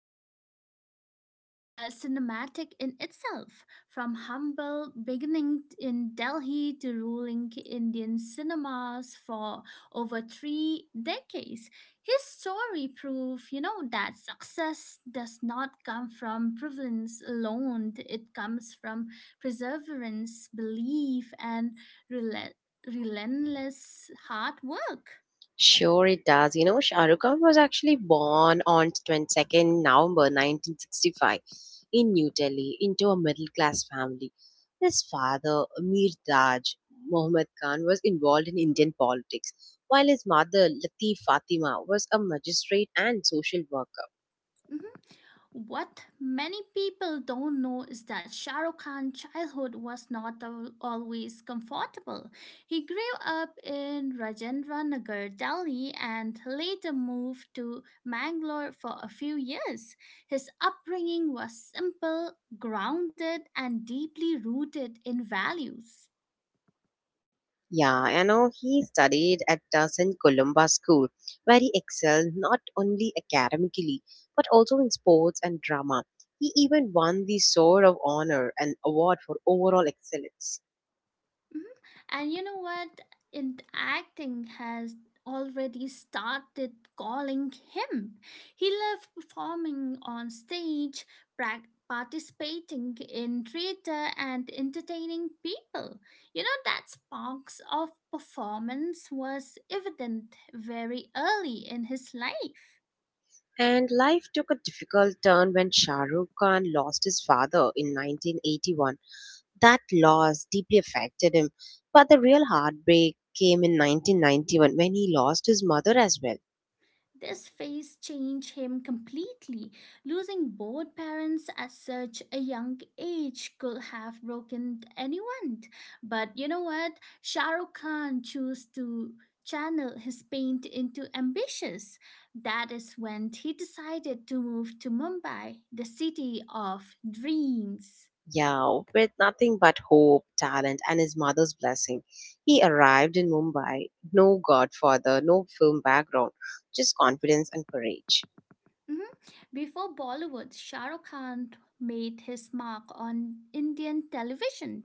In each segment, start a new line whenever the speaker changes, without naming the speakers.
inspiring, it's cinematic in itself. From humble beginning in Delhi to ruling Indian cinemas for over three decades, his story proves that success does not come from prevalence alone. It comes from perseverance, belief, and rel- relentless hard work.
Sure, it does. You know, Shah Rukh Khan was actually born on 22nd November 1965 in New Delhi into a middle class family. His father, Mir Daj Mohammad Khan, was involved in Indian politics, while his mother, Latif Fatima, was a magistrate and social worker.
Mhm. What many people don't know is that Shah Rukh Khan's childhood was not always comfortable. He grew up in Rajendra Nagar, Delhi, and later moved to Mangalore for a few years. His upbringing was simple, grounded, and deeply rooted in values.
Yeah, you know, he studied at the St. Columba School, where he excelled not only academically, but also in sports and drama. He even won the Sword of Honor, an award for overall excellence.
And you know what? In acting has already started calling him. He loved performing on stage, participating in theater, and entertaining people. You know, that sparks of performance was evident very early in his life.
And life took a difficult turn when Shah Rukh Khan lost his father in 1981. That loss deeply affected him, but the real heartbreak came in 1991 when he lost his mother as well.
This phase changed him completely. Losing both parents at such a young age could have broken anyone. But you know what? Shah Rukh Khan chose to channel his pain into ambitions. That is when he decided to move to Mumbai, the city of dreams.
Yeah, with nothing but hope, talent, and his mother's blessing. He arrived in Mumbai, no godfather, no film background, just confidence and courage.
Mhm. Before Bollywood, Shah Rukh Khan made his mark on Indian television.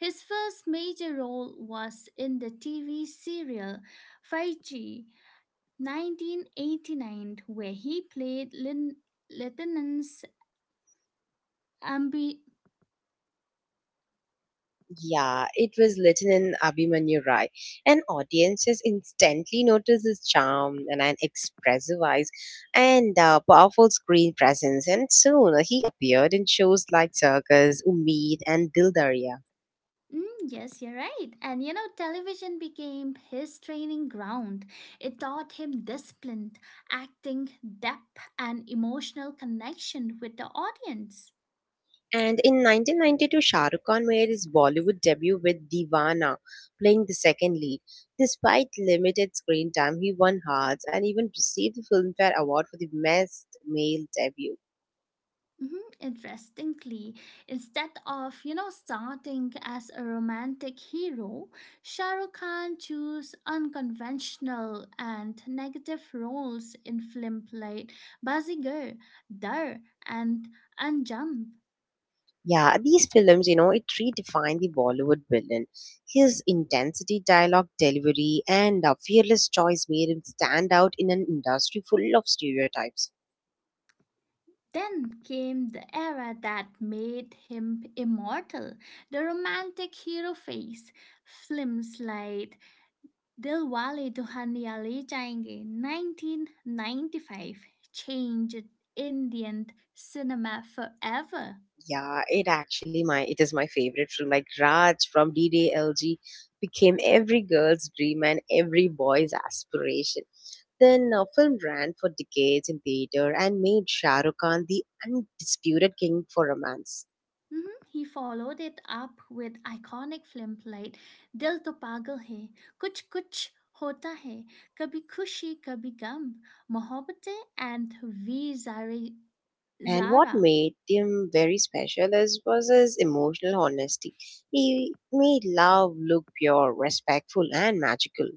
His first major role was in the TV serial Faiji 1989, where he played Lieutenant's Ambi.
Yeah, it was written in Abhimanyu Rai, and audiences instantly noticed his charm and an expressive eyes and powerful screen presence. And soon he appeared in shows like Circus, Umid, and Dil Darya.
Mm, yes, you're right. And you know, television became his training ground. It taught him discipline, acting, depth, and emotional connection with the audience.
And in 1992, Shah Rukh Khan made his Bollywood debut with Deewana, playing the second lead. Despite limited screen time, he won hearts and even received the Filmfare Award for the Best Male Debut.
Mhm. Interestingly, instead of you know starting as a romantic hero, Shah Rukh Khan chose unconventional and negative roles in films like Bazigar, Dar, and Anjump.
Yeah, these films, you know, it redefined the Bollywood villain. His intensity, dialogue delivery, and a fearless choice made him stand out in an industry full of stereotypes.
Then came the era that made him immortal, the romantic hero phase. Films like दिल वाले दुल्हनिया ले जाएंगे 1995 changed Indian cinema forever.
Yeah, it actually my it is my favorite film. Like Raj from DDLG became every girl's dream and every boy's aspiration. Then film ran for decades in theater and made Shah Rukh Khan the undisputed king for romance.
Mhm. He followed it up with iconic films like Dil To Pagal Hai, Kuch Kuch Hota Hai, Kabhi Khushi Kabhi Gum, Mohabbatein, and V Zari
And what
Zara.
made him very special is was his emotional honesty. He made love look pure, respectful, and magical.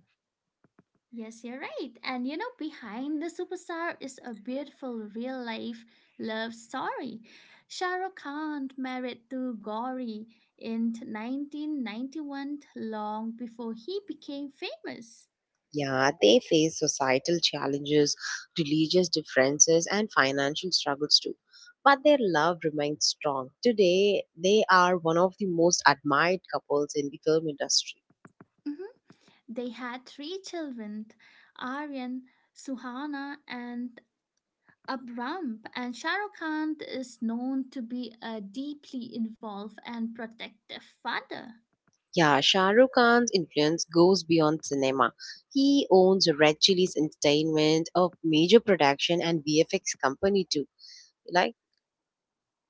Yes, you're right. And you know, behind the superstar is a beautiful real life love story. Shah Rukh Khan married to Gauri in 1991, long before he became famous.
Yeah, they face societal challenges, religious differences, and financial struggles too. But their love remains strong. Today, they are one of the most admired couples in the film industry.
Mhm. They had three children Aryan, Suhana, and Abram. And Shah Rukh Khan is known to be a deeply involved and protective father.
Yeah, Shah Rukh Khan's influence goes beyond cinema. He owns Red Chillies Entertainment, a major production and VFX company too. Like,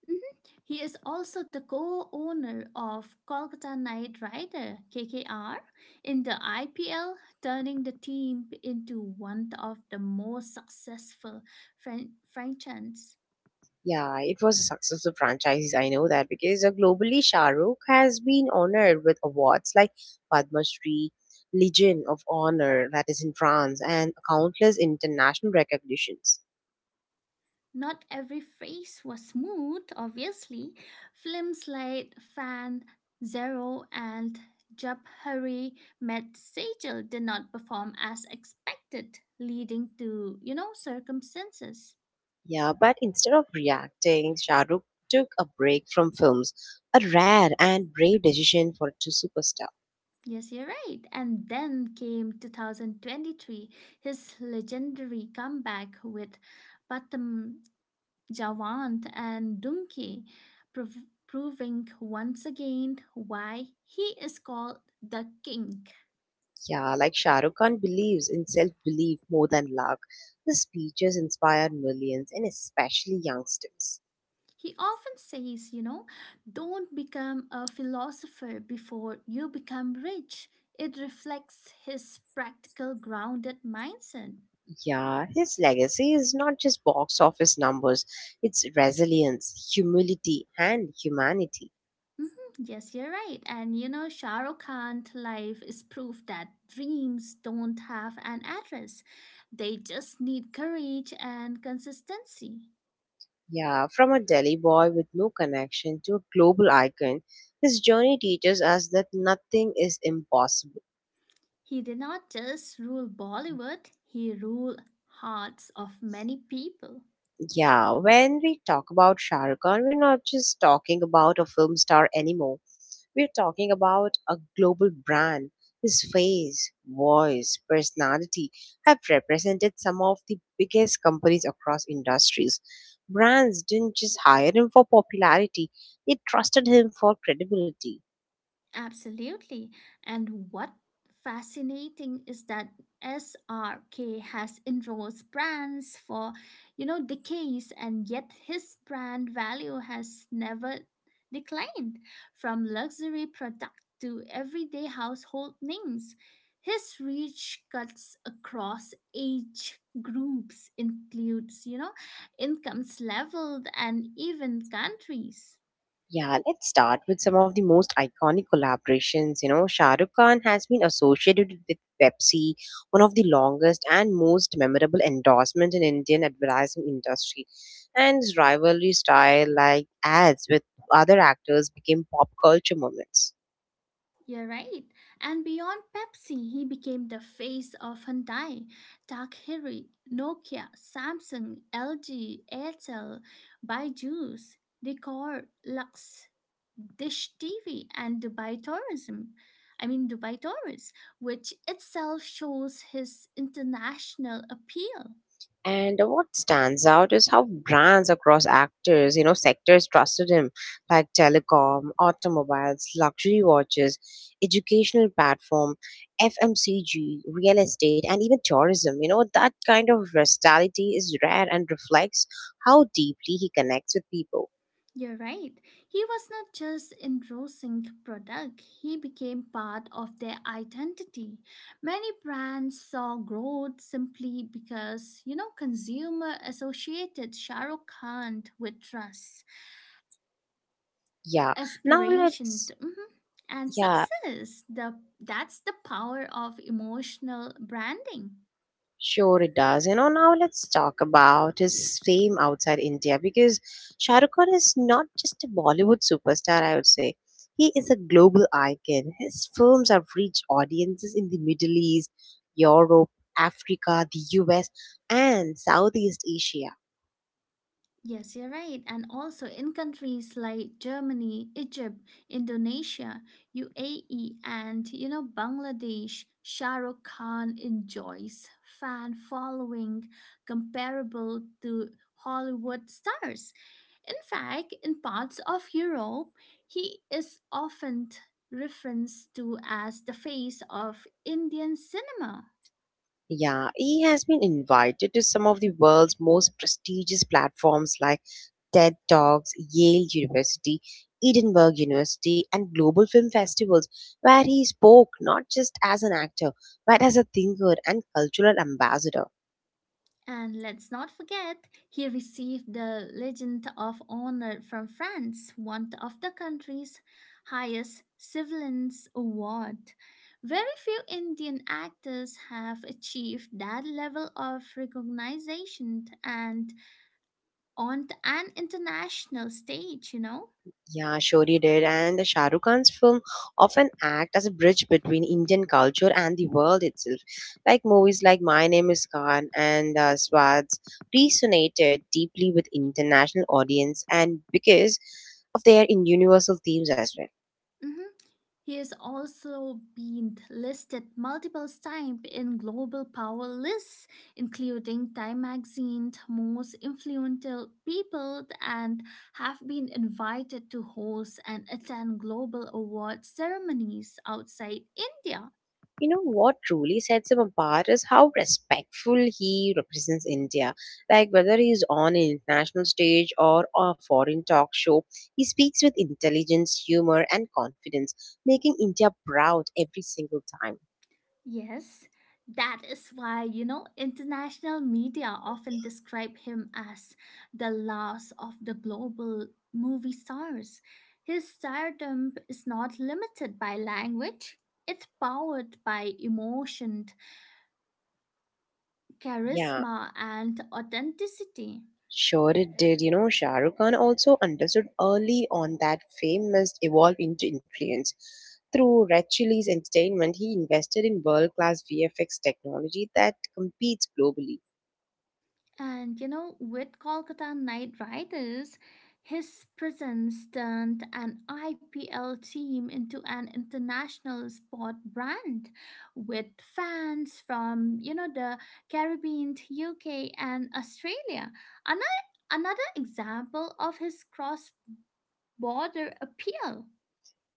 Mhm. He is also the co-owner of Kolkata Knight Rider KKR in the IPL, turning the team into one of the most successful franchises.
yeah, it was a successful franchise. I know that because globally, Shah Rukh has been honored with awards like Padma Shri, Legion of Honor, that is in France, and countless international recognitions.
Not every phase was smooth, obviously. Films like Fan Zero and Jab Hurry Met Sejal did not perform as expected, leading to, you know, circumstances.
Yeah, but instead of reacting, Shah Rukh took a break from films, a rare and brave decision for a true superstar.
Yes, you're right. And then came 2023, his legendary comeback with Patam Jawant and Dunki, proving once again why he is called the king.
Yeah, like Shah Rukh Khan believes in self-belief more than luck. The speeches inspire millions and especially youngsters.
He often says, you know, don't become a philosopher before you become rich. It reflects his practical, grounded mindset.
Yeah, his legacy is not just box office numbers, it's resilience, humility, and humanity.
Mhm. Yes, you're right. And you know, Shah Rukh Khan's life is proof that dreams don't have an address. They just need courage and consistency.
Yeah, from a Delhi boy with no connection to a global icon, his journey teaches us that nothing is impossible.
He did not just rule Bollywood, he ruled hearts of many people.
Yeah, when we talk about Shah Rukh Khan, we're not just talking about a film star anymore. We're talking about a global brand. His face, voice, personality have represented some of the biggest companies across industries. Brands didn't just hire him for popularity, they trusted him for credibility.
Absolutely. And what fascinating is that SRK has endorsed brands for, you know, decades and yet his brand value has never declined from luxury product to everyday household names. His reach cuts across age groups, includes, you know, incomes leveled and even countries.
Yeah, let's start with some of the most iconic collaborations. You know, Shah Rukh Khan has been associated with Pepsi, one of the longest and most memorable endorsements in Indian advertising industry. And his rivalry style, like ads with other actors, became pop culture moments.
You're right. And beyond Pepsi, he became the face of Hyundai, Takehiri, Nokia, Samsung, LG, Airtel, Byju's, Decor, Lux, Dish TV, and Dubai Tourism. I mean Dubai Tourist, which itself shows his international appeal.
And what stands out is how brands across actors, you know, sectors trusted him, like telecom, automobiles, luxury watches, educational platform, FMCG, real estate, and even tourism. You know, that kind of versatility is rare and reflects how deeply he connects with people.
You're right. He was not just endorsing product, he became part of their identity. Many brands saw growth simply because, you know, consumer associated Shah Rukh Khan with trust,
Yeah. Now
aspiration,
let's
mhm, and
yeah,
success. The, that's the power of emotional branding.
Sure, it does. You know, now let's talk about his fame outside India because Shah Rukh Khan is not just a Bollywood superstar, I would say. He is a global icon. His films have reached audiences in the Middle East, Europe, Africa, the US, and Southeast Asia.
Yes, you're right. And also in countries like Germany, Egypt, Indonesia, UAE, and you know Bangladesh, Shah Rukh Khan enjoys fan following comparable to Hollywood stars. In fact, in parts of Europe, he is often referenced to as the face of Indian cinema.
Yeah, he has been invited to some of the world's most prestigious platforms like TED Talks, Yale University, Edinburgh University, and global film festivals, where he spoke not just as an actor, but as a thinker and cultural ambassador.
And let's not forget, he received the Legion of Honor from France, one of the country's highest civilians award. Very few Indian actors have achieved that level of recognition and on an international stage, you know.
Yeah, sure he did. And the Shah Rukh Khan's film often act as a bridge between Indian culture and the world itself. Like movies like My Name is Khan and Swads resonated deeply with international audience and because of their in universal themes as well.
Mhm. He has also been listed multiple times in global power lists, including Time Magazine's most influential people, and have been invited to host and attend global award ceremonies outside India.
You know what truly sets him apart is how respectful he represents India. Like whether he's on an international stage or a foreign talk show, he speaks with intelligence, humor, and confidence, making India proud every single time.
Yes, that is why, you know, international media often describe him as the loss of the global movie stars. His stardom is not limited by language, it's powered by emotion,
Yeah,
charisma, and authenticity.
sure it did. You know, Shah Rukh Khan also understood early on that fame must evolve into influence. Through Red Chillies Entertainment, he invested in world class VFX technology that competes globally.
And you know, with Kolkata Knight Riders, his presence turned an IPL team into an international sport brand with fans from, you know, the Caribbean, UK, and Australia. Another, another example of his cross border appeal.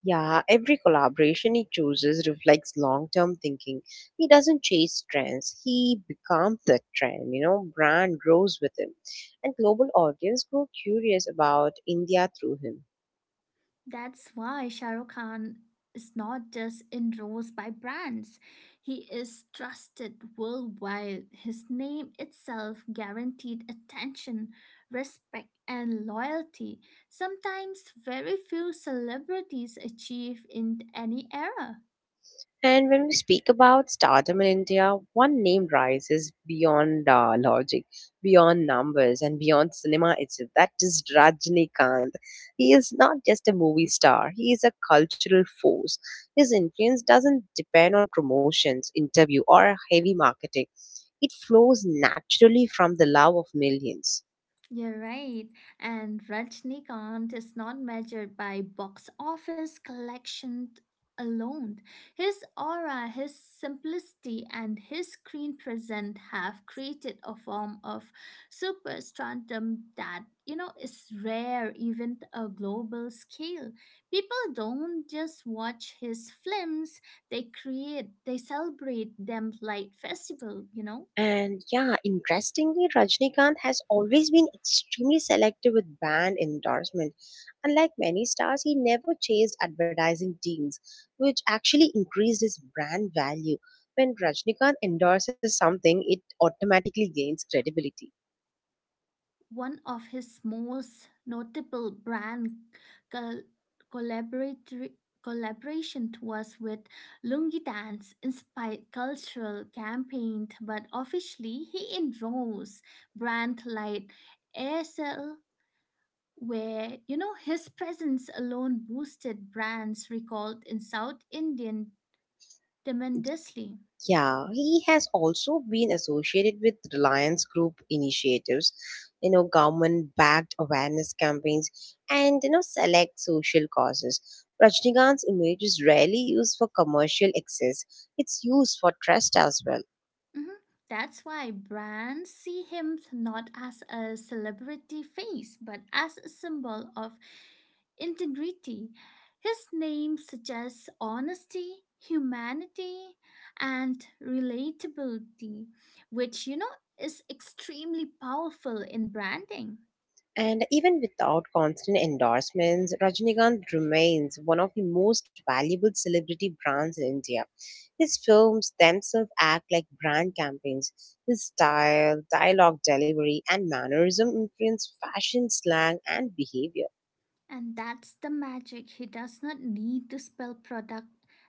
Yeah, every collaboration he chooses reflects long term thinking. He doesn't chase trends, he becomes the trend. You know, brand grows with him. And global audience grow curious about India through him.
That's why Shah Rukh Khan is not just endorsed by brands. He is trusted worldwide. His name itself guaranteed attention, respect, and loyalty. Sometimes very few celebrities achieve in any era.
And when we speak about stardom in India, one name rises beyond logic, beyond numbers, and beyond cinema itself. That is Rajnikant. He is not just a movie star, he is a cultural force. His influence doesn't depend on promotions, interview, or heavy marketing, it flows naturally from the love of millions.
You're right. And Rajnikant is not measured by box office collection alone. His aura, his simplicity, and his screen presence have created a form of superstardom that you know is rare even a global scale. People don't just watch his films; they create, they celebrate them like festival. You know.
And yeah, interestingly, Rajnikant has always been extremely selective with brand endorsement. Unlike many stars, he never chased advertising deals, which actually increased his brand value. When Rajnikant endorses something, it automatically gains credibility.
One of his most notable brand col- collaborator- collaboration was with Lungi Dance inspired cultural campaign, but officially he endorsed brand like ASL where you know his presence alone boosted brands recalled in South Indian tremendously.
Yeah, he has also been associated with Reliance Group initiatives, you know, government-backed awareness campaigns, and you know, select social causes. Rajnikant's image is rarely used for commercial access; it's used for trust as well.
Mhm. That's why brands see him not as a celebrity face, but as a symbol of integrity. His name suggests honesty, humanity, and relatability, which you know is extremely powerful in branding.
And even without constant endorsements, Rajinikanth remains one of the most valuable celebrity brands in India. His films themselves act like brand campaigns. His style, dialogue delivery, and mannerism influence fashion, slang, and behavior.
And that's the magic. He does not need to spell product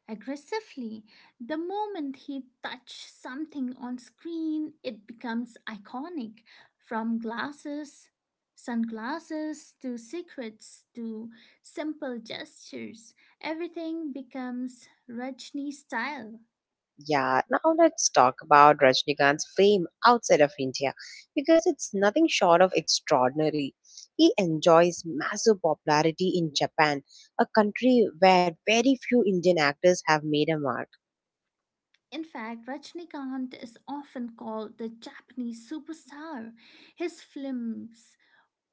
aggressively. The moment he touches something on screen, it becomes iconic. From glasses, sunglasses, to secrets, to simple gestures, everything becomes Rajni style.
Yeah, now let's talk about Rajnikant's fame outside of India because it's nothing short of extraordinary. He enjoys massive popularity in Japan, a country where very few Indian actors have made a mark.
In fact, Rajnikant is often called the Japanese superstar. His films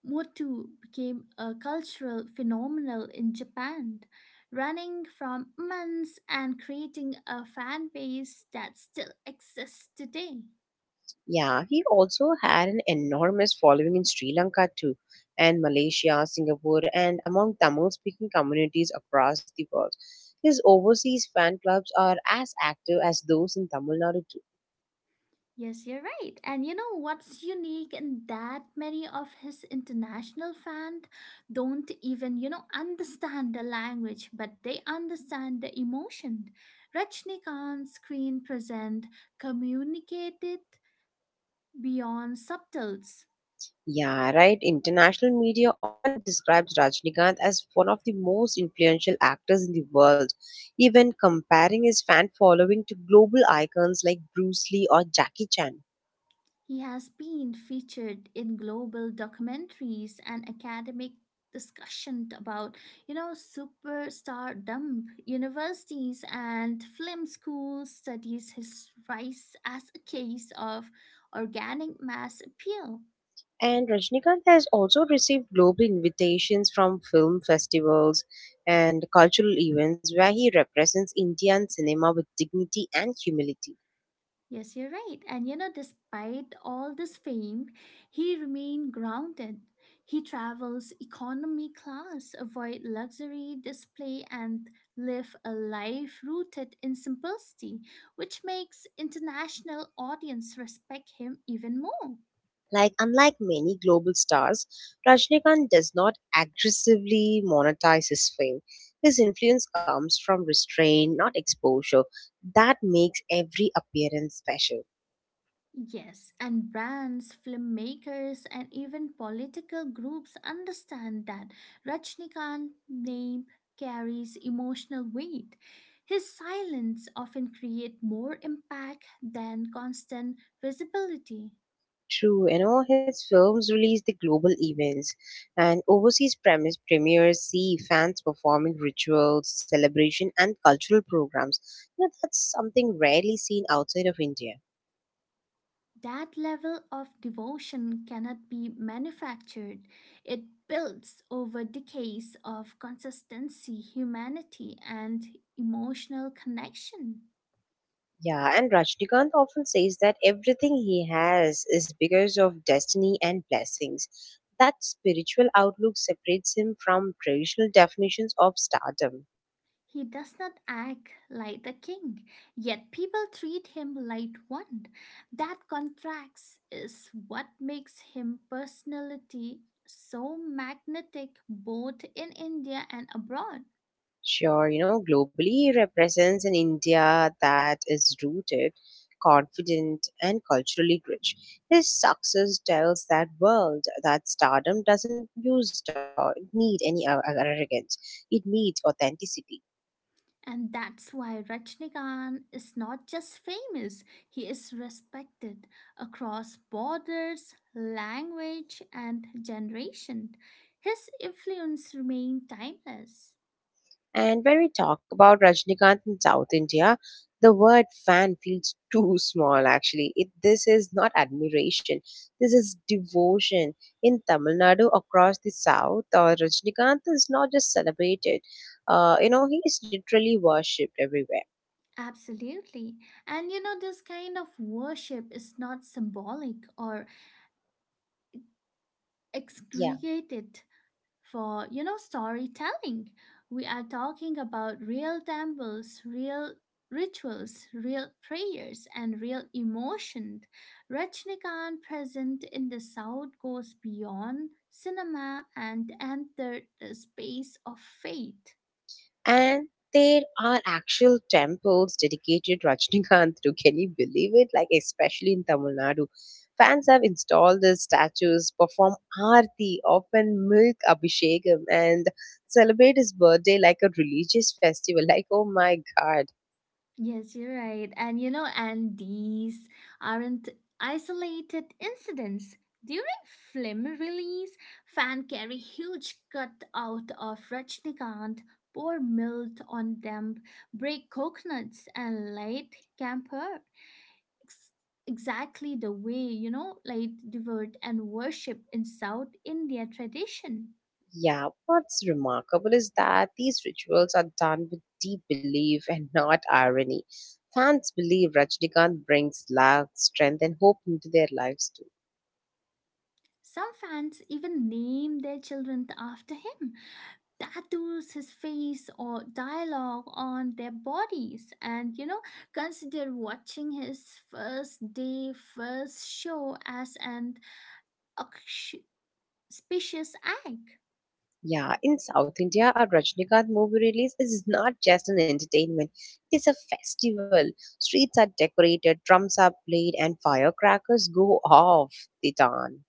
Motu became a cultural phenomenon in Japan, running from months and creating a fan base that still exists today.
Yeah, he also had an enormous following in Sri Lanka too, and Malaysia, Singapore, and among Tamil speaking communities across the world. His overseas fan clubs are as active as those in Tamil Nadu too.
Yes, you're right. And you know what's unique in that many of his international fans don't even, you know, understand the language, but they understand the emotion. Rajnikanth's screen present communicated beyond subtles.
Yeah, right. International media often describes Rajnikanth as one of the most influential actors in the world, even comparing his fan following to global icons like Bruce Lee or Jackie Chan.
He has been featured in global documentaries and academic discussion about, you know, superstardom, universities and film schools studies his rise as a case of organic mass appeal.
And Rajnikanth has also received global invitations from film festivals and cultural events where he represents Indian cinema with dignity and humility.
Yes, you're right. And you know, despite all this fame, he remained grounded. He travels economy class, avoid luxury display, and live a life rooted in simplicity, which makes international audience respect him even more.
Like, unlike many global stars, Rajnikant does not aggressively monetize his fame. His influence comes from restraint, not exposure. That makes every appearance special.
Yes, and brands, filmmakers, and even political groups understand that Rajnikant's name carries emotional weight. His silence often creates more impact than constant visibility.
True, you know, his films release the global events and overseas premise premieres see fans performing rituals, celebration, and cultural programs. You know, that's something rarely seen outside of India.
That level of devotion cannot be manufactured. It builds over decades of consistency, humanity, and emotional connection.
Yeah, and Rajnikant often says that everything he has is because of destiny and blessings. That spiritual outlook separates him from traditional definitions of stardom.
He does not act like a king, yet people treat him like one. That contrast is what makes him personality so magnetic both in India and abroad.
Sure, you know, globally he represents an India that is rooted, confident, and culturally rich. His success tells that world that stardom doesn't use the, need any arrogance, it needs authenticity.
And that's why Rajnikant is not just famous, he is respected across borders, language, and generation. His influence remains timeless.
And when we talk about Rajnikanth in South India, the word fan feels too small actually. It, this is not admiration, this is devotion. In Tamil Nadu, across the South, Rajnikanth is not just celebrated, you know, he is literally worshipped everywhere.
Absolutely. And you know, this kind of worship is not symbolic or
Yeah,
excreted for, you know, storytelling. We are talking about real temples, real rituals, real prayers, and real emotion Rajnikant present in the South goes beyond cinema and entered the space of faith.
and there are actual temples dedicated Rajnikanth to. Can you believe it? Like especially in Tamil Nadu, fans have installed the statues, perform aarti, often milk abhishekam, and celebrate his birthday like a religious festival. Like oh my god.
Yes, you're right. And you know, and these aren't isolated incidents. During film release, fan carry huge cut out of Rajnikant, pour milk on them, break coconuts, and light camper. Ex- exactly the way, you know, light devoured and worship in South India tradition.
Yeah, what's remarkable is that these rituals are done with deep belief and not irony. Fans believe Rajnikant brings love, strength, and hope into their lives too.
Some fans even name their children after him, tattoos his face or dialogue on their bodies, and you know, consider watching his first day, first show as an auspicious act.
Yeah, in South India, a Rajnikant movie release is not just an entertainment, it is a festival. Streets are decorated, drums are played, and firecrackers go off the dawn.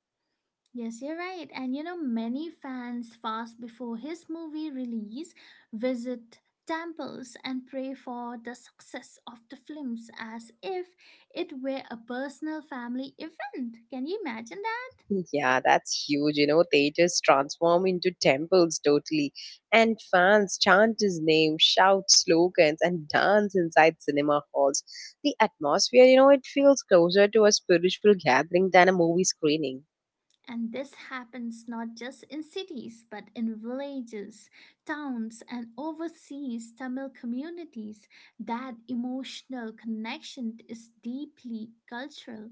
Yes, you're right. And you know, many fans fast before his movie release visit temples and pray for the success of the films as if it were a personal family event. Can you imagine that?
Yeah, that's huge. You know, theaters transform into temples totally, and fans chant his name, shout slogans, and dance inside cinema halls. The atmosphere, you know, it feels closer to a spiritual gathering than a movie screening.
And this happens not just in cities but in villages, towns, and overseas Tamil communities. That emotional connection is deeply cultural.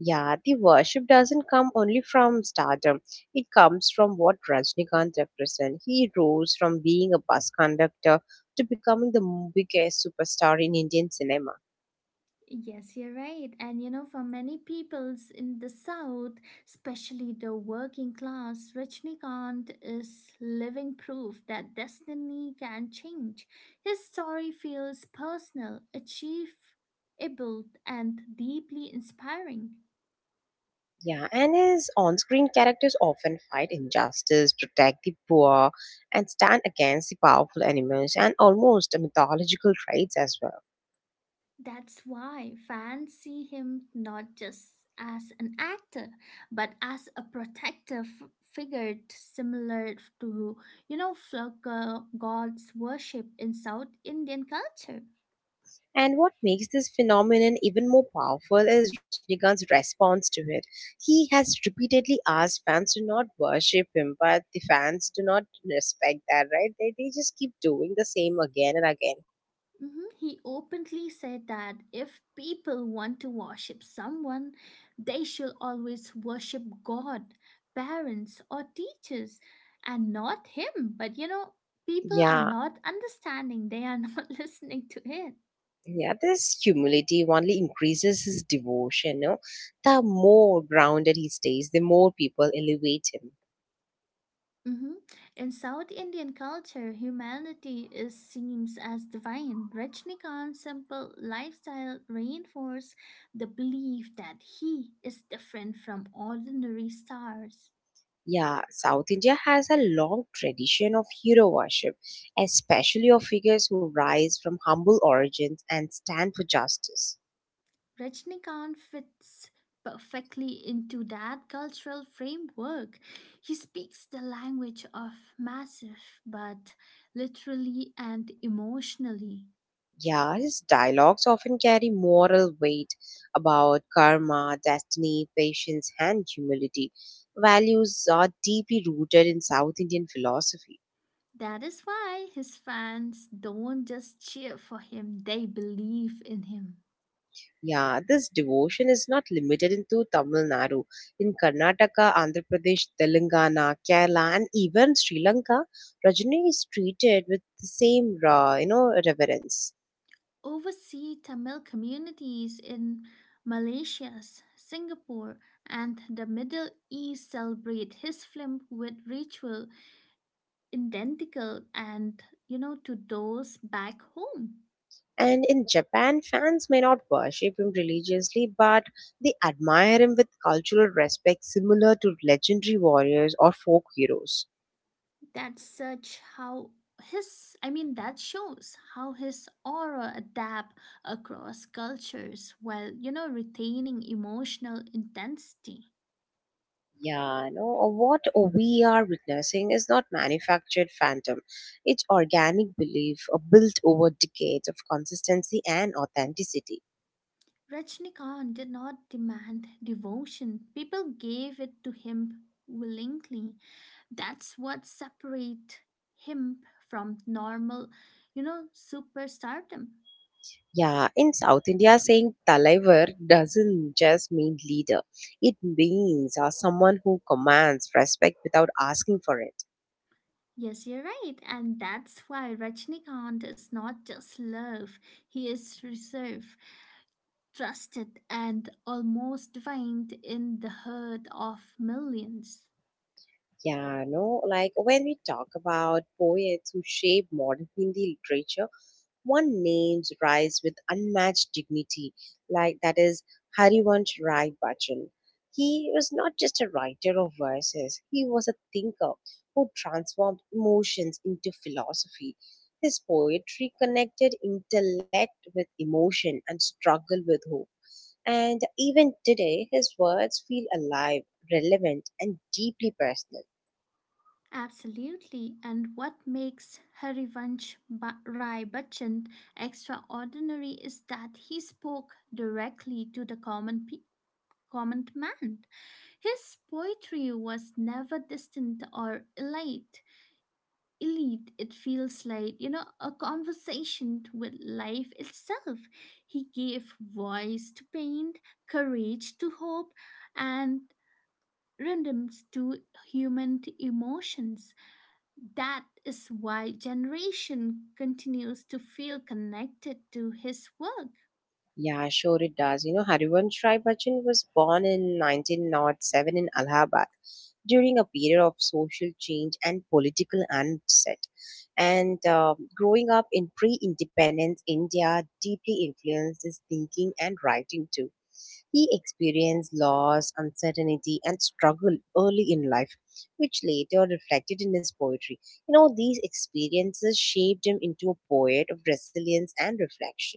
Yeah, the worship doesn't come only from stardom. It comes from what Rajnikant represents. He rose from being a bus conductor to becoming the biggest superstar in Indian cinema.
Yes, you're right. And you know, for many peoples in the South, especially the working class, Rajnikant is living proof that destiny can change. His story feels personal, achievable, and deeply inspiring.
Yeah, and his on screen characters often fight injustice, protect the poor, and stand against the powerful enemies, and almost mythological traits as well.
That's why fans see him not just as an actor, but as a protective figure similar to, you know, Flugger God's worship in South Indian culture.
And what makes this phenomenon even more powerful is Rajnikant's response to it. He has repeatedly asked fans to not worship him, but the fans do not respect that, right? They just keep doing the same again and again.
Mhm. He openly said that if people want to worship someone, they should always worship God, parents, or teachers, and not him. But you know, people are
Yeah,
not understanding, they are not listening to it.
yeah, this humility only increases his devotion. No? The more grounded he stays, the more people elevate him.
Hmm. In South Indian culture, humanity is seen as divine. Rajnikanth's simple lifestyle reinforces the belief that he is different from ordinary stars.
Yeah, South India has a long tradition of hero worship, especially of figures who rise from humble origins and stand for justice.
Rajnikanth fits perfectly into that cultural framework. He speaks the language of massive, but literally and emotionally.
Yeah, his dialogues often carry moral weight about karma, destiny, patience, and humility. Values are deeply rooted in South Indian philosophy.
That is why his fans don't just cheer for him, they believe in him.
Yeah, this devotion is not limited into Tamil Nadu. In Karnataka, Andhra Pradesh, Telangana, Kerala, and even Sri Lanka, Rajani is treated with the same raw, reverence.
Overseas Tamil communities in Malaysia, Singapore, and the Middle East celebrate his film with ritual identical and to those back home.
And in Japan, fans may not worship him religiously, but they admire him with cultural respect similar to legendary warriors or folk heroes.
That's such how that shows how his aura adapt across cultures while retaining emotional intensity.
Yeah, no, or what we are witnessing is not manufactured phantom. It's organic belief built over decades of consistency and authenticity.
Rajnikant did not demand devotion. People gave it to him willingly. That's what separates him from normal, superstardom.
Yeah, in South India, saying Talaivar doesn't just mean leader, it means someone who commands respect without asking for it.
Yes, you're right. And that's why Rajnikant is not just love, he is reserve, trusted and almost divined in the herd of millions.
Yeah, no, like when we talk about poets who shape modern Hindi literature, one names rise with unmatched dignity, like that is Harivansh Rai Bachchan. He was not just a writer of verses, he was a thinker who transformed emotions into philosophy. His poetry connected intellect with emotion and struggle with hope. And even today, his words feel alive, relevant, and deeply personal.
Absolutely. And what makes Rai Bachchan extraordinary is that he spoke directly to the common man. His poetry was never distant or elite. Elite, it feels like a conversation with life itself. He gave voice to pain, courage to hope, and rhythms to human emotions. That is why generation continues to feel connected to his work.
Yeah, sure it does. You know, Harivansh Rai Bachchan was born in 1907 in Allahabad during a period of social change and political unset. And growing up in pre-independence India deeply influenced his thinking and writing too. He experienced loss, uncertainty, and struggle early in life, which later reflected in his poetry. You know, these experiences shaped him into a poet of resilience and reflection.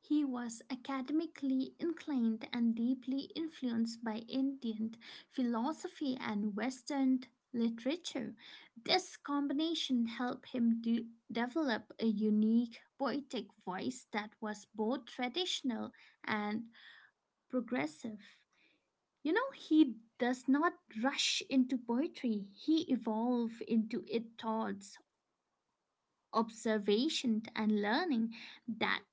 He was academically inclined and deeply influenced by Indian philosophy and Western literature. This combination helped him develop a unique poetic voice that was both traditional and progressive. You know, he does not rush into poetry, he evolves into it thoughts, observation and learning. That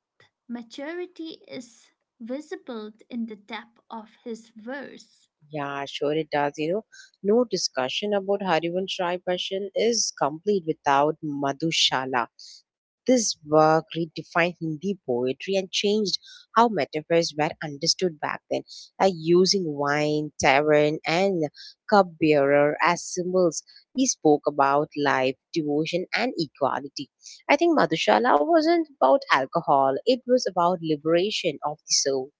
maturity is visible in the depth of his verse.
Yeah, sure it does. You know, no discussion about Harivansh Rai Bachchan is complete without Madhushala. This work redefined Hindi poetry and changed how metaphors were understood back then, like using wine, tavern, and cupbearer as symbols. He spoke about life, devotion, and equality. I think Madhushala wasn't about alcohol; it was about liberation of the soul.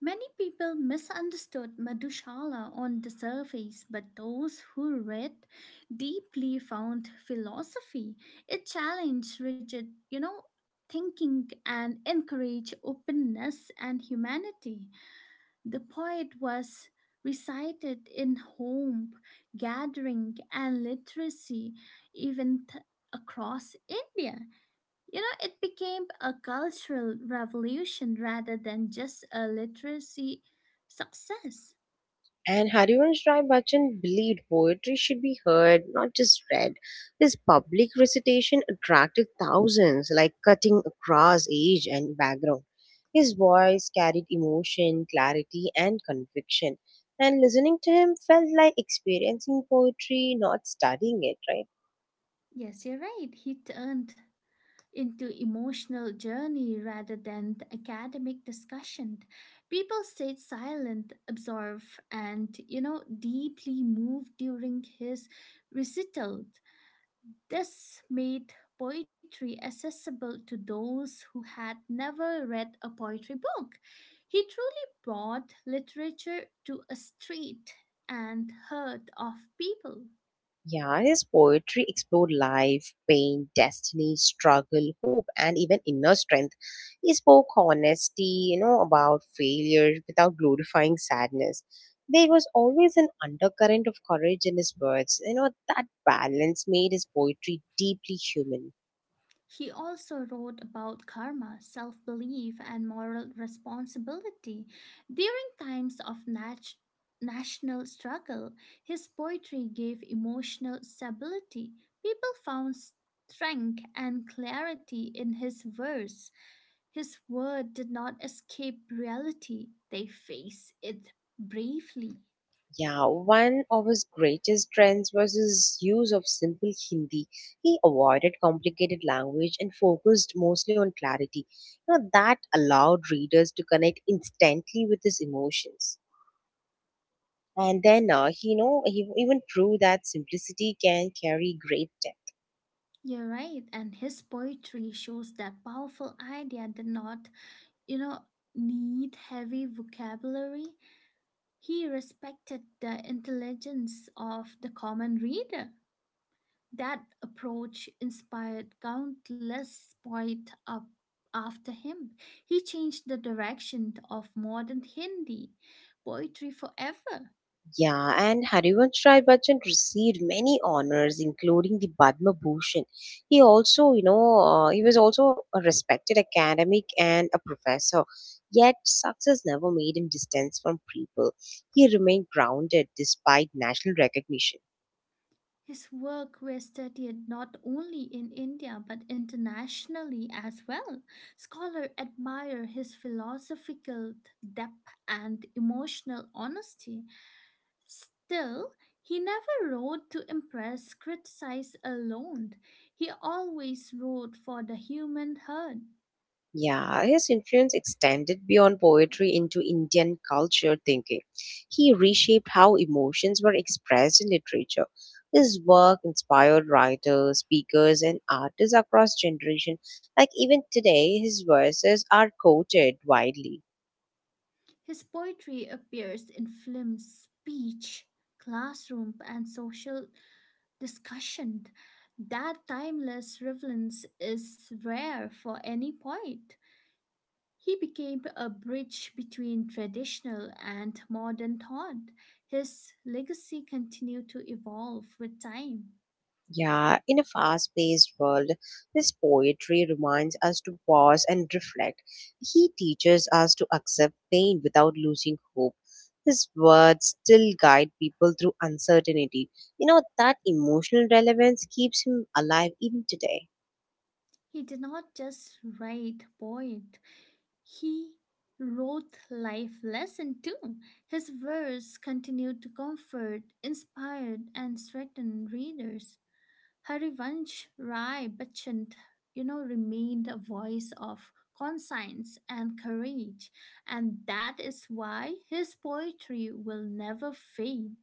Many people misunderstood Madhushala on the surface, but those who read deeply found philosophy. It challenged rigid, thinking and encouraged openness and humanity. The poet was recited in home gathering and literacy event across India. You know, it became a cultural revolution rather than just a literacy success.
And Harivansh Rai Bachchan believed poetry should be heard, not just read. His public recitation attracted thousands, like cutting across age and background. His voice carried emotion, clarity, and conviction. And listening to him felt like experiencing poetry, not studying it, right?
Yes, you're right. He turned into emotional journey rather than the academic discussion. People stayed silent, absorbed, and deeply moved during his recital. This made poetry accessible to those who had never read a poetry book. He truly brought literature to a street and herd of people.
Yeah, his poetry explored life, pain, destiny, struggle, hope, and even inner strength. He spoke honesty, you know, about failure without glorifying sadness. There was always an undercurrent of courage in his words. You know, that balance made his poetry deeply human.
He also wrote about karma, self belief, and moral responsibility. During times of national struggle, his poetry gave emotional stability. People found strength and clarity in his verse. His word did not escape reality, they face it bravely.
Yeah, one of his greatest trends was his use of simple Hindi. He avoided complicated language and focused mostly on clarity. You know, that allowed readers to connect instantly with his emotions. And then, he, you know, he even proved that simplicity can carry great.
You're right, and his poetry shows that powerful idea did not, you know, need heavy vocabulary. He respected the intelligence of the common reader. That approach inspired countless poets up after him. He changed the direction of modern Hindi poetry forever.
Yeah, and Harivansh Rai Bachchan received many honors, including the Padma Bhushan. He also, you know, he was also a respected academic and a professor. Yet, success never made him distance from people. He remained grounded despite national recognition.
His work was studied not only in India but internationally as well. Scholars admire his philosophical depth and emotional honesty. Still, he never wrote to impress, criticize alone. He always wrote for the human heart.
Yeah, his influence extended beyond poetry into Indian culture thinking. He reshaped how emotions were expressed in literature. His work inspired writers, speakers, and artists across generations. Like even today, his verses are quoted widely.
His poetry appears in films, speech, classroom, and social discussion. That timeless relevance is rare for any poet. He became a bridge between traditional and modern thought. His legacy continued to evolve with time.
Yeah, in a fast paced world, this poetry reminds us to pause and reflect. He teaches us to accept pain without losing hope. His words still guide people through uncertainty. You know, that emotional relevance keeps him alive even today.
He did not just write poet, he wrote life lesson too. His verse continued to comfort, inspire, and strengthen readers. Harivansh Rai Bachchan, remained a voice of conscience and courage, and that is why his poetry will never fade.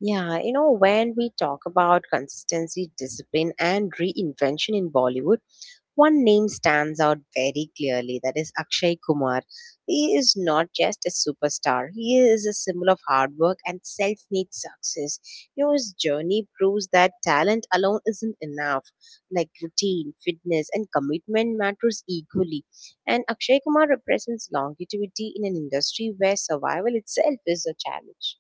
Yeah, you know, when we talk about consistency, discipline, and reinvention in Bollywood, one name stands out very clearly that is Akshay Kumar. He is not just a superstar, he is a symbol of hard work and self made success. You know, his journey proves that talent alone isn't enough. Like routine, fitness, and commitment matters equally. And Akshay Kumar represents longevity in an industry where survival itself is a challenge.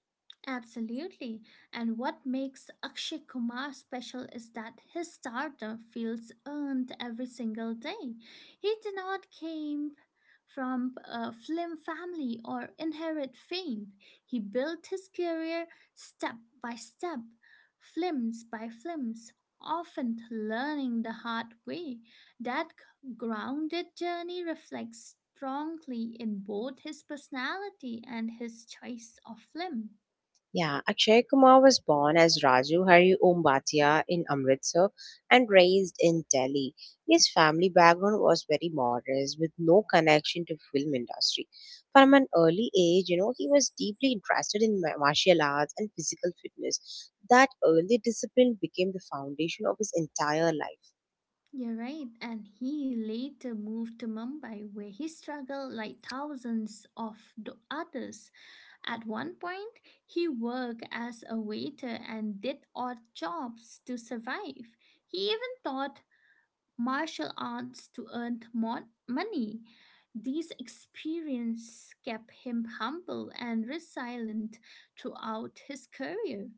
Absolutely. And what makes Akshay Kumar special is that his stardom feels earned every single day. He did not came from a film family or inherit fame. He built his career step by step, films by films, often learning the hard way. That grounded journey reflects strongly in both his personality and his choice of film.
Yeah, Akshay Kumar was born as Raju Hari Om Bhatia in Amritsar and raised in Delhi. His family background was very modest with no connection to film industry. From an early age, you know, he was deeply interested in martial arts and physical fitness. That early discipline became the foundation of his entire life.
You're right, and he later moved to Mumbai where he struggled like thousands of the others. At one point, he worked as a waiter and did odd jobs to survive. He even taught martial arts to earn more money. These experiences kept him humble and resilient throughout his career.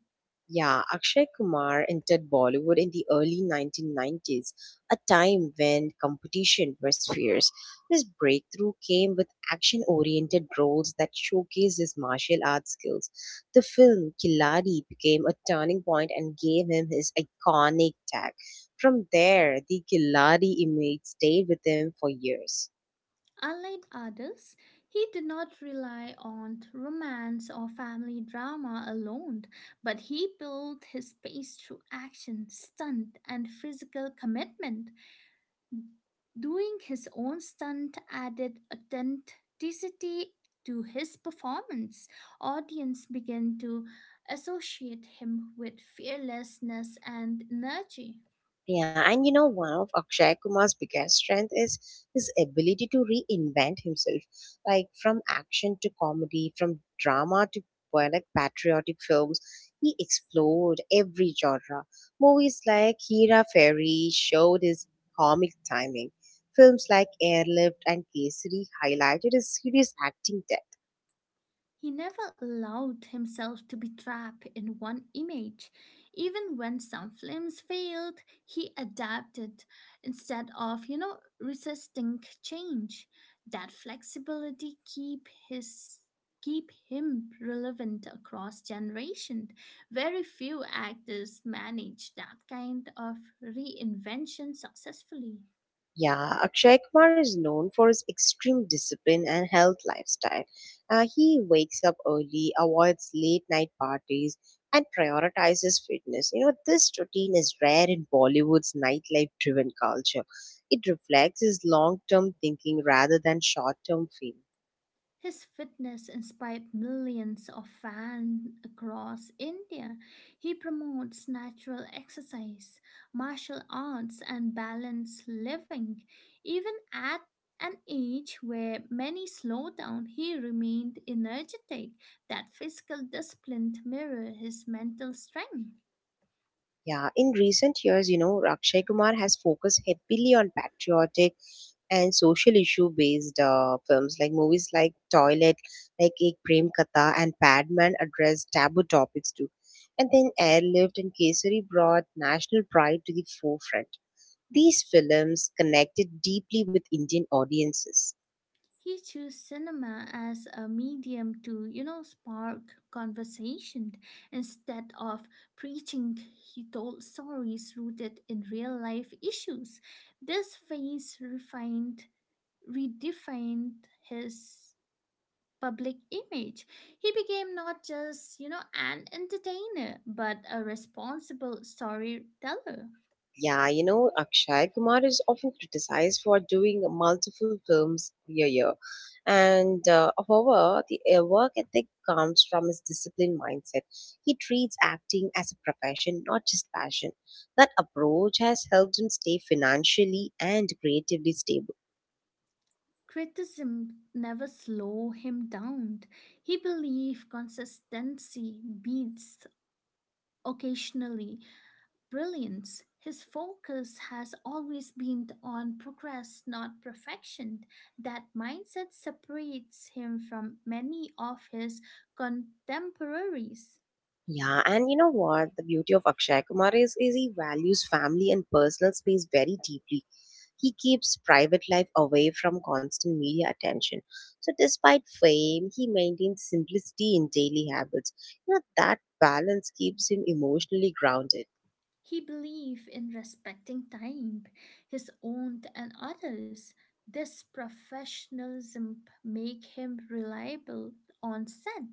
Yeah, Akshay Kumar entered Bollywood in the early 1990s, a time when competition was fierce. His breakthrough came with action oriented roles that showcased his martial arts skills. The film Killadi became a turning point and gave him his iconic tag. From there, the Killadi image stayed with him for years.
Unlike others, he did not rely on romance or family drama alone, but he built his pace through action, stunt, and physical commitment. Doing his own stunt added authenticity to his performance. Audience began to associate him with fearlessness and energy.
Yeah, and you know, one of Akshay Kumar's biggest strength is his ability to reinvent himself, like from action to comedy, from drama to poetic patriotic films. He explored every genre. Movies like Hera Fairy showed his comic timing. Films like Airlift and Kesari highlighted his serious acting.
He never allowed himself to be trapped in one image. Even when some films failed, he adapted instead of, resisting change. That flexibility keep his keep him relevant across generation. Very few actors manage that kind of reinvention successfully.
Yeah, Akshay Kumar is known for his extreme discipline and health lifestyle. He wakes up early, avoids late night parties, and prioritizes fitness. You know, this routine is rare in Bollywood's nightlife driven culture. It reflects his long term thinking rather than short term fame.
His fitness inspired millions of fans across India. He promotes natural exercise, martial arts, and balanced living. Even at an age where many slowed down, he remained energetic. That physical discipline mirrored his mental strength.
Yeah, in recent years, you know, Rakshay Kumar has focused heavily on patriotic and social issue based films like movies like Toilet, like Ek Prem Katha and Padman address taboo topics too. And then Airlift and Kesari brought national pride to the forefront. These films connected deeply with Indian audiences.
He chose cinema as a medium to, spark conversation. Instead of preaching, he told stories rooted in real life issues. This redefined his public image. He became not just, an entertainer, but a responsible storyteller.
Yeah, you know, Akshay Kumar is often criticized for doing multiple films a year. And however, the work ethic comes from his disciplined mindset. He treats acting as a profession, not just passion. That approach has helped him stay financially and creatively stable.
Criticism never slow him down. He believed consistency beats occasionally brilliance. His focus has always been on progress, not perfection. That mindset separates him from many of his contemporaries.
Yeah, and you know what? The beauty of Akshay Kumar is he values family and personal space very deeply. He keeps private life away from constant media attention. So, despite fame, he maintains simplicity in daily habits. You know, that balance keeps him emotionally grounded.
He believed in respecting time, his own and others. This professionalism make him reliable on set.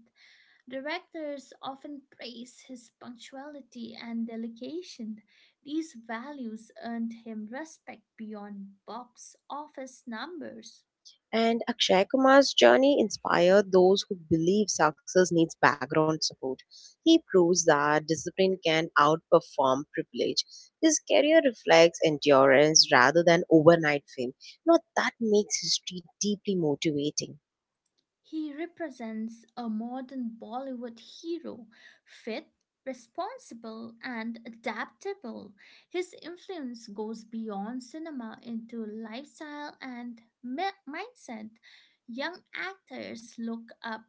Directors often praise his punctuality and delegation. These values earned him respect beyond box office numbers.
And Akshay Kumar's journey inspired those who believe success needs background support. He proves that discipline can outperform privilege. His career reflects endurance rather than overnight fame. You know, that makes history deeply motivating.
He represents a modern Bollywood hero, fit, responsible, and adaptable. His influence goes beyond cinema into lifestyle and mindset. Young actors look up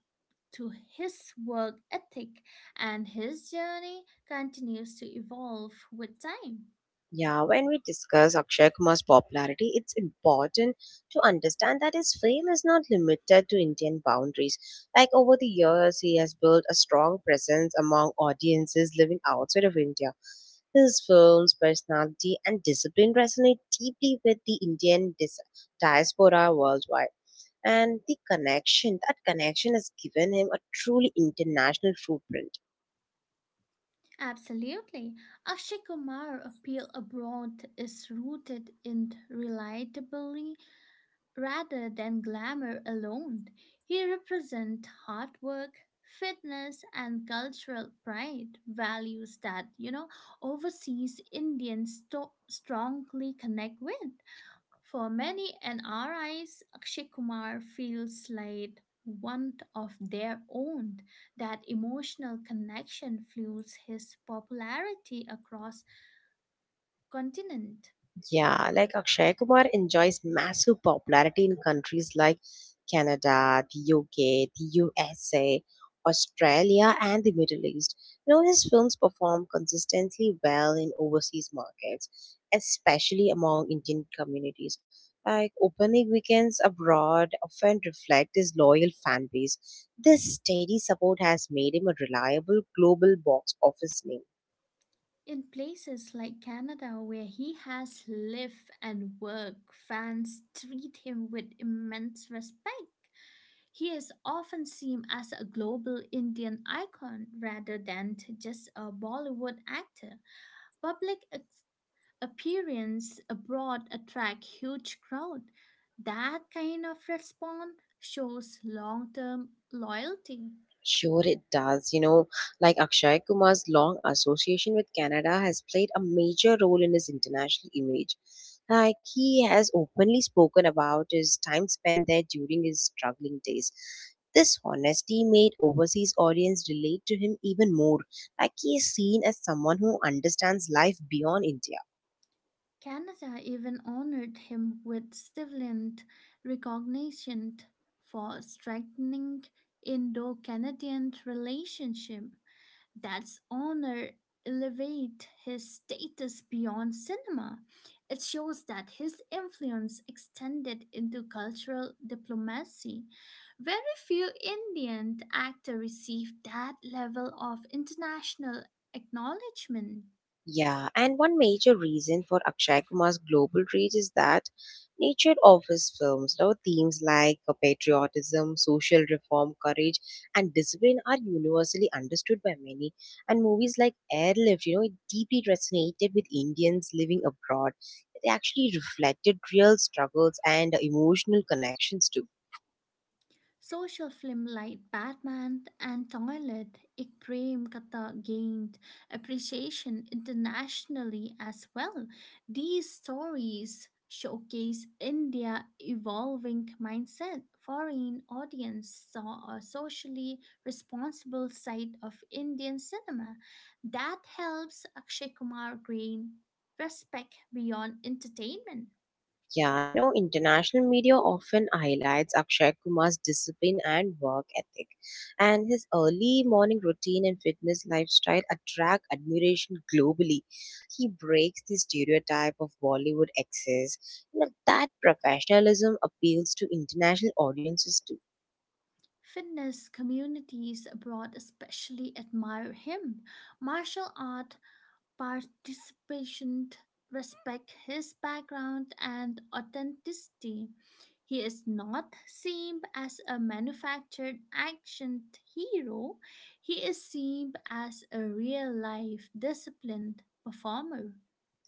to his work ethic, and his journey continues to evolve with time.
Yeah, when we discuss Akshay Kumar's popularity, it's important to understand that his fame is not limited to Indian boundaries. Like over the years, he has built a strong presence among audiences living outside of India. His films, personality, and discipline resonate deeply with the Indian diaspora worldwide. And the connection, that connection has given him a truly international footprint.
Absolutely. Akshay Kumar appeal abroad is rooted in relatability. Rather than glamour alone, he represents hard work, fitness, and cultural pride, values that, overseas strongly connect with. For many NRIs, Akshay Kumar feels like one of their own. That emotional connection fuels his popularity across continent.
Yeah, like Akshay Kumar enjoys massive popularity in countries like Canada, the UK, the USA, Australia, and the Middle East. You know, his films perform consistently well in overseas markets, especially among Indian communities. Like opening weekends abroad often reflect his loyal fan base. This steady support has made him a reliable global box office name.
In places like Canada, where he has lived and worked, fans treat him with immense respect. He is often seen as a global Indian icon rather than just a Bollywood actor. Public ex- appearance abroad attract huge crowd. That kind of response shows long-term loyalty.
Sure, it does. You know, like Akshay Kumar's long association with Canada has played a major role in his international image. Like, he has openly spoken about his time spent there during his struggling days. This honesty made overseas audience relate to him even more. Like, he is seen as someone who understands life beyond India.
Canada even honored him with civilian recognition for strengthening Indo-Canadian relationship. That's honor elevate his status beyond cinema. It shows that his influence extended into cultural diplomacy. Very few Indian actors received that level of international acknowledgement.
Yeah, and one major reason for Akshay Kumar's global reach is that nature offers films, you know, themes like patriotism, social reform, courage, and discipline are universally understood by many. And movies like Airlift, you know, it deeply resonated with Indians living abroad. It actually reflected real struggles and emotional connections too.
Social-film like Batman and Toilet, Ik Prem Katha gained appreciation internationally as well. These stories showcase India evolving mindset. Foreign audience saw a socially responsible side of Indian cinema. That helps Akshay Kumar gain respect beyond entertainment.
Yeah, you know, international media often highlights Akshay Kumar's discipline and work ethic, and his early morning routine and fitness lifestyle attract admiration globally. He breaks the stereotype of Bollywood excess. You know, that professionalism appeals to international audiences too.
Fitness communities abroad especially admire him. Martial art participants respect his background and authenticity. He is not seen as a manufactured action hero, he is seen as a real life disciplined performer.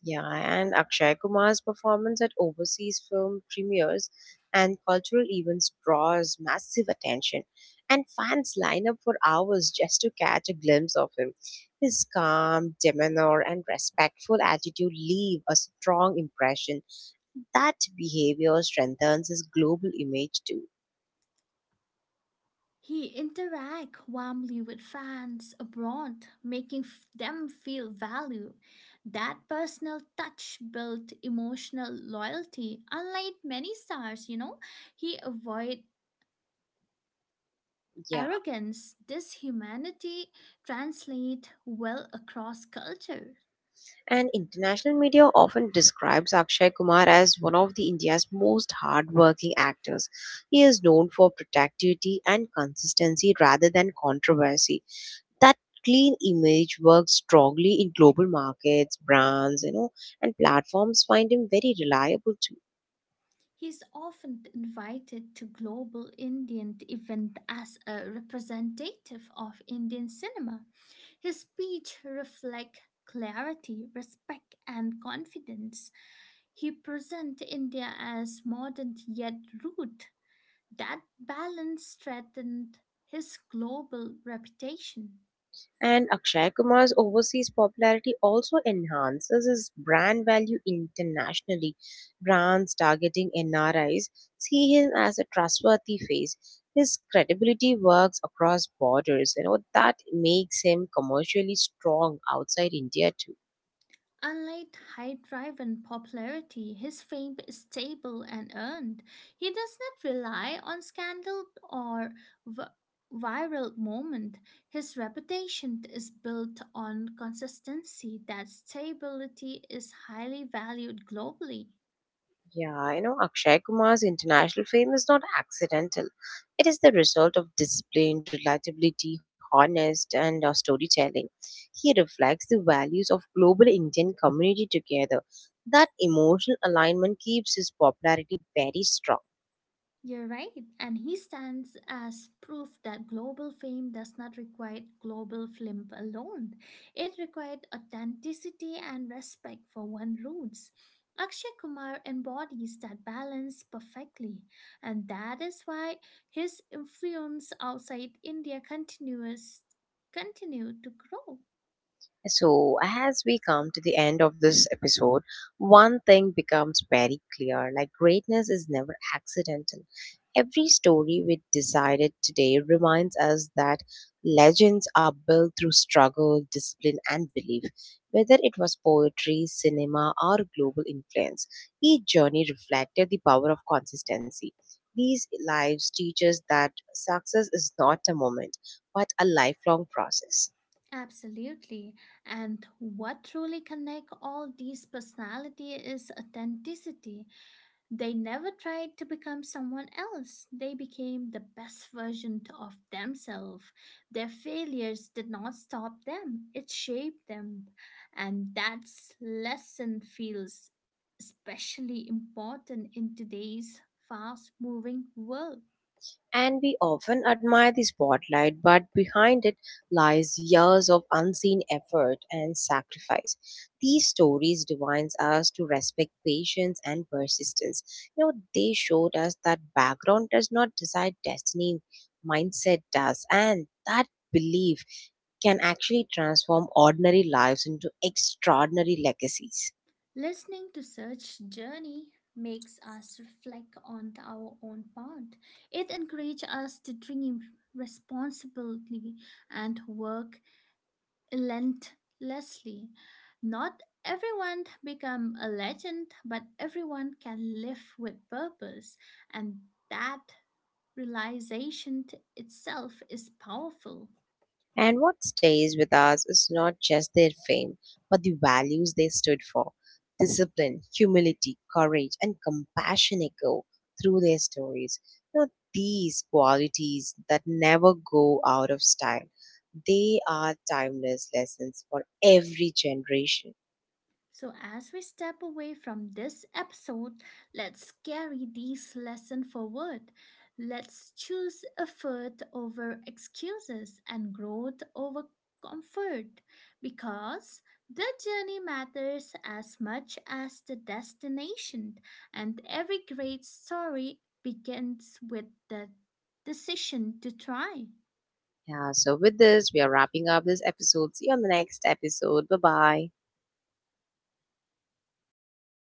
Yeah, and Akshay Kumar's performance at overseas film premieres and cultural events draws massive attention, and fans line up for hours just to catch a glimpse of him. His calm demeanor and respectful attitude leave a strong impression. That behavior strengthens his global image too.
He interact warmly with fans abroad, making them feel value. That personal touch built emotional loyalty. Unlike many stars, he avoid
Yeah.
arrogance. This humanity translate well across culture.
And international media often describes Akshay Kumar as one of the India's most hardworking actors. He is known for productivity and consistency rather than controversy. That clean image works strongly in global markets, brands, you know, and platforms find him very reliable.
He is often invited to global Indian events as a representative of Indian cinema. His speech reflects clarity, respect, and confidence. He presents India as modern yet rude. That balance threatened his global reputation.
And Akshay Kumar's overseas popularity also enhances his brand value internationally. Brands targeting NRIs see him as a trustworthy face. His credibility works across borders, you know, that makes him commercially strong outside India too.
Unlike high drive and popularity, his fame is stable and earned. He does not rely on scandal or v- viral moment. His reputation is built on consistency. That stability is highly valued globally.
Yeah, you know, Akshay Kumar's international fame is not accidental. It is the result of discipline, relatability, honest, and storytelling. He reflects the values of global Indian community together. That emotional alignment keeps his popularity very strong.
You're right, and he stands as proof that global fame does not require global flim alone. It required authenticity and respect for one's roots. Akshay Kumar embodies that balance perfectly, and that is why his influence outside India continue to grow.
So, as we come to the end of this episode, one thing becomes very clear like greatness is never accidental. Every story we decided today reminds us that legends are built through struggle, discipline, and belief. Whether it was poetry, cinema, or global influence, each journey reflected the power of consistency. These lives teach us that success is not a moment, but a lifelong process.
Absolutely. And what truly connects all these personality is authenticity. They never tried to become someone else. They became the best version of themselves. Their failures did not stop them, it shaped them. And that lesson feels especially important in today's fast moving world.
And we often admire the spotlight, but behind it lies years of unseen effort and sacrifice. These stories divines us to respect patience and persistence. You know, they showed us that background does not decide destiny, mindset does, and that belief can actually transform ordinary lives into extraordinary legacies.
Listening to such journey makes us reflect on our own path. It encourages us to dream responsibly and work relentlessly. Not everyone become a legend, but everyone can live with purpose, and that itself is powerful.
And what stays with us is not just their fame, but the values they stood for discipline, humility, courage, and compassion echo through their stories. Now, these qualities that never go out of style, they are timeless lessons for every generation.
So, as we step away from this episode, let's carry these lessons forward. Let's choose effort over excuses and growth over comfort because the journey matters as much as the destination, and every great story begins with the decision to try.
Yeah, so with this, we are wrapping up this episode. See you on the next episode. Bye bye.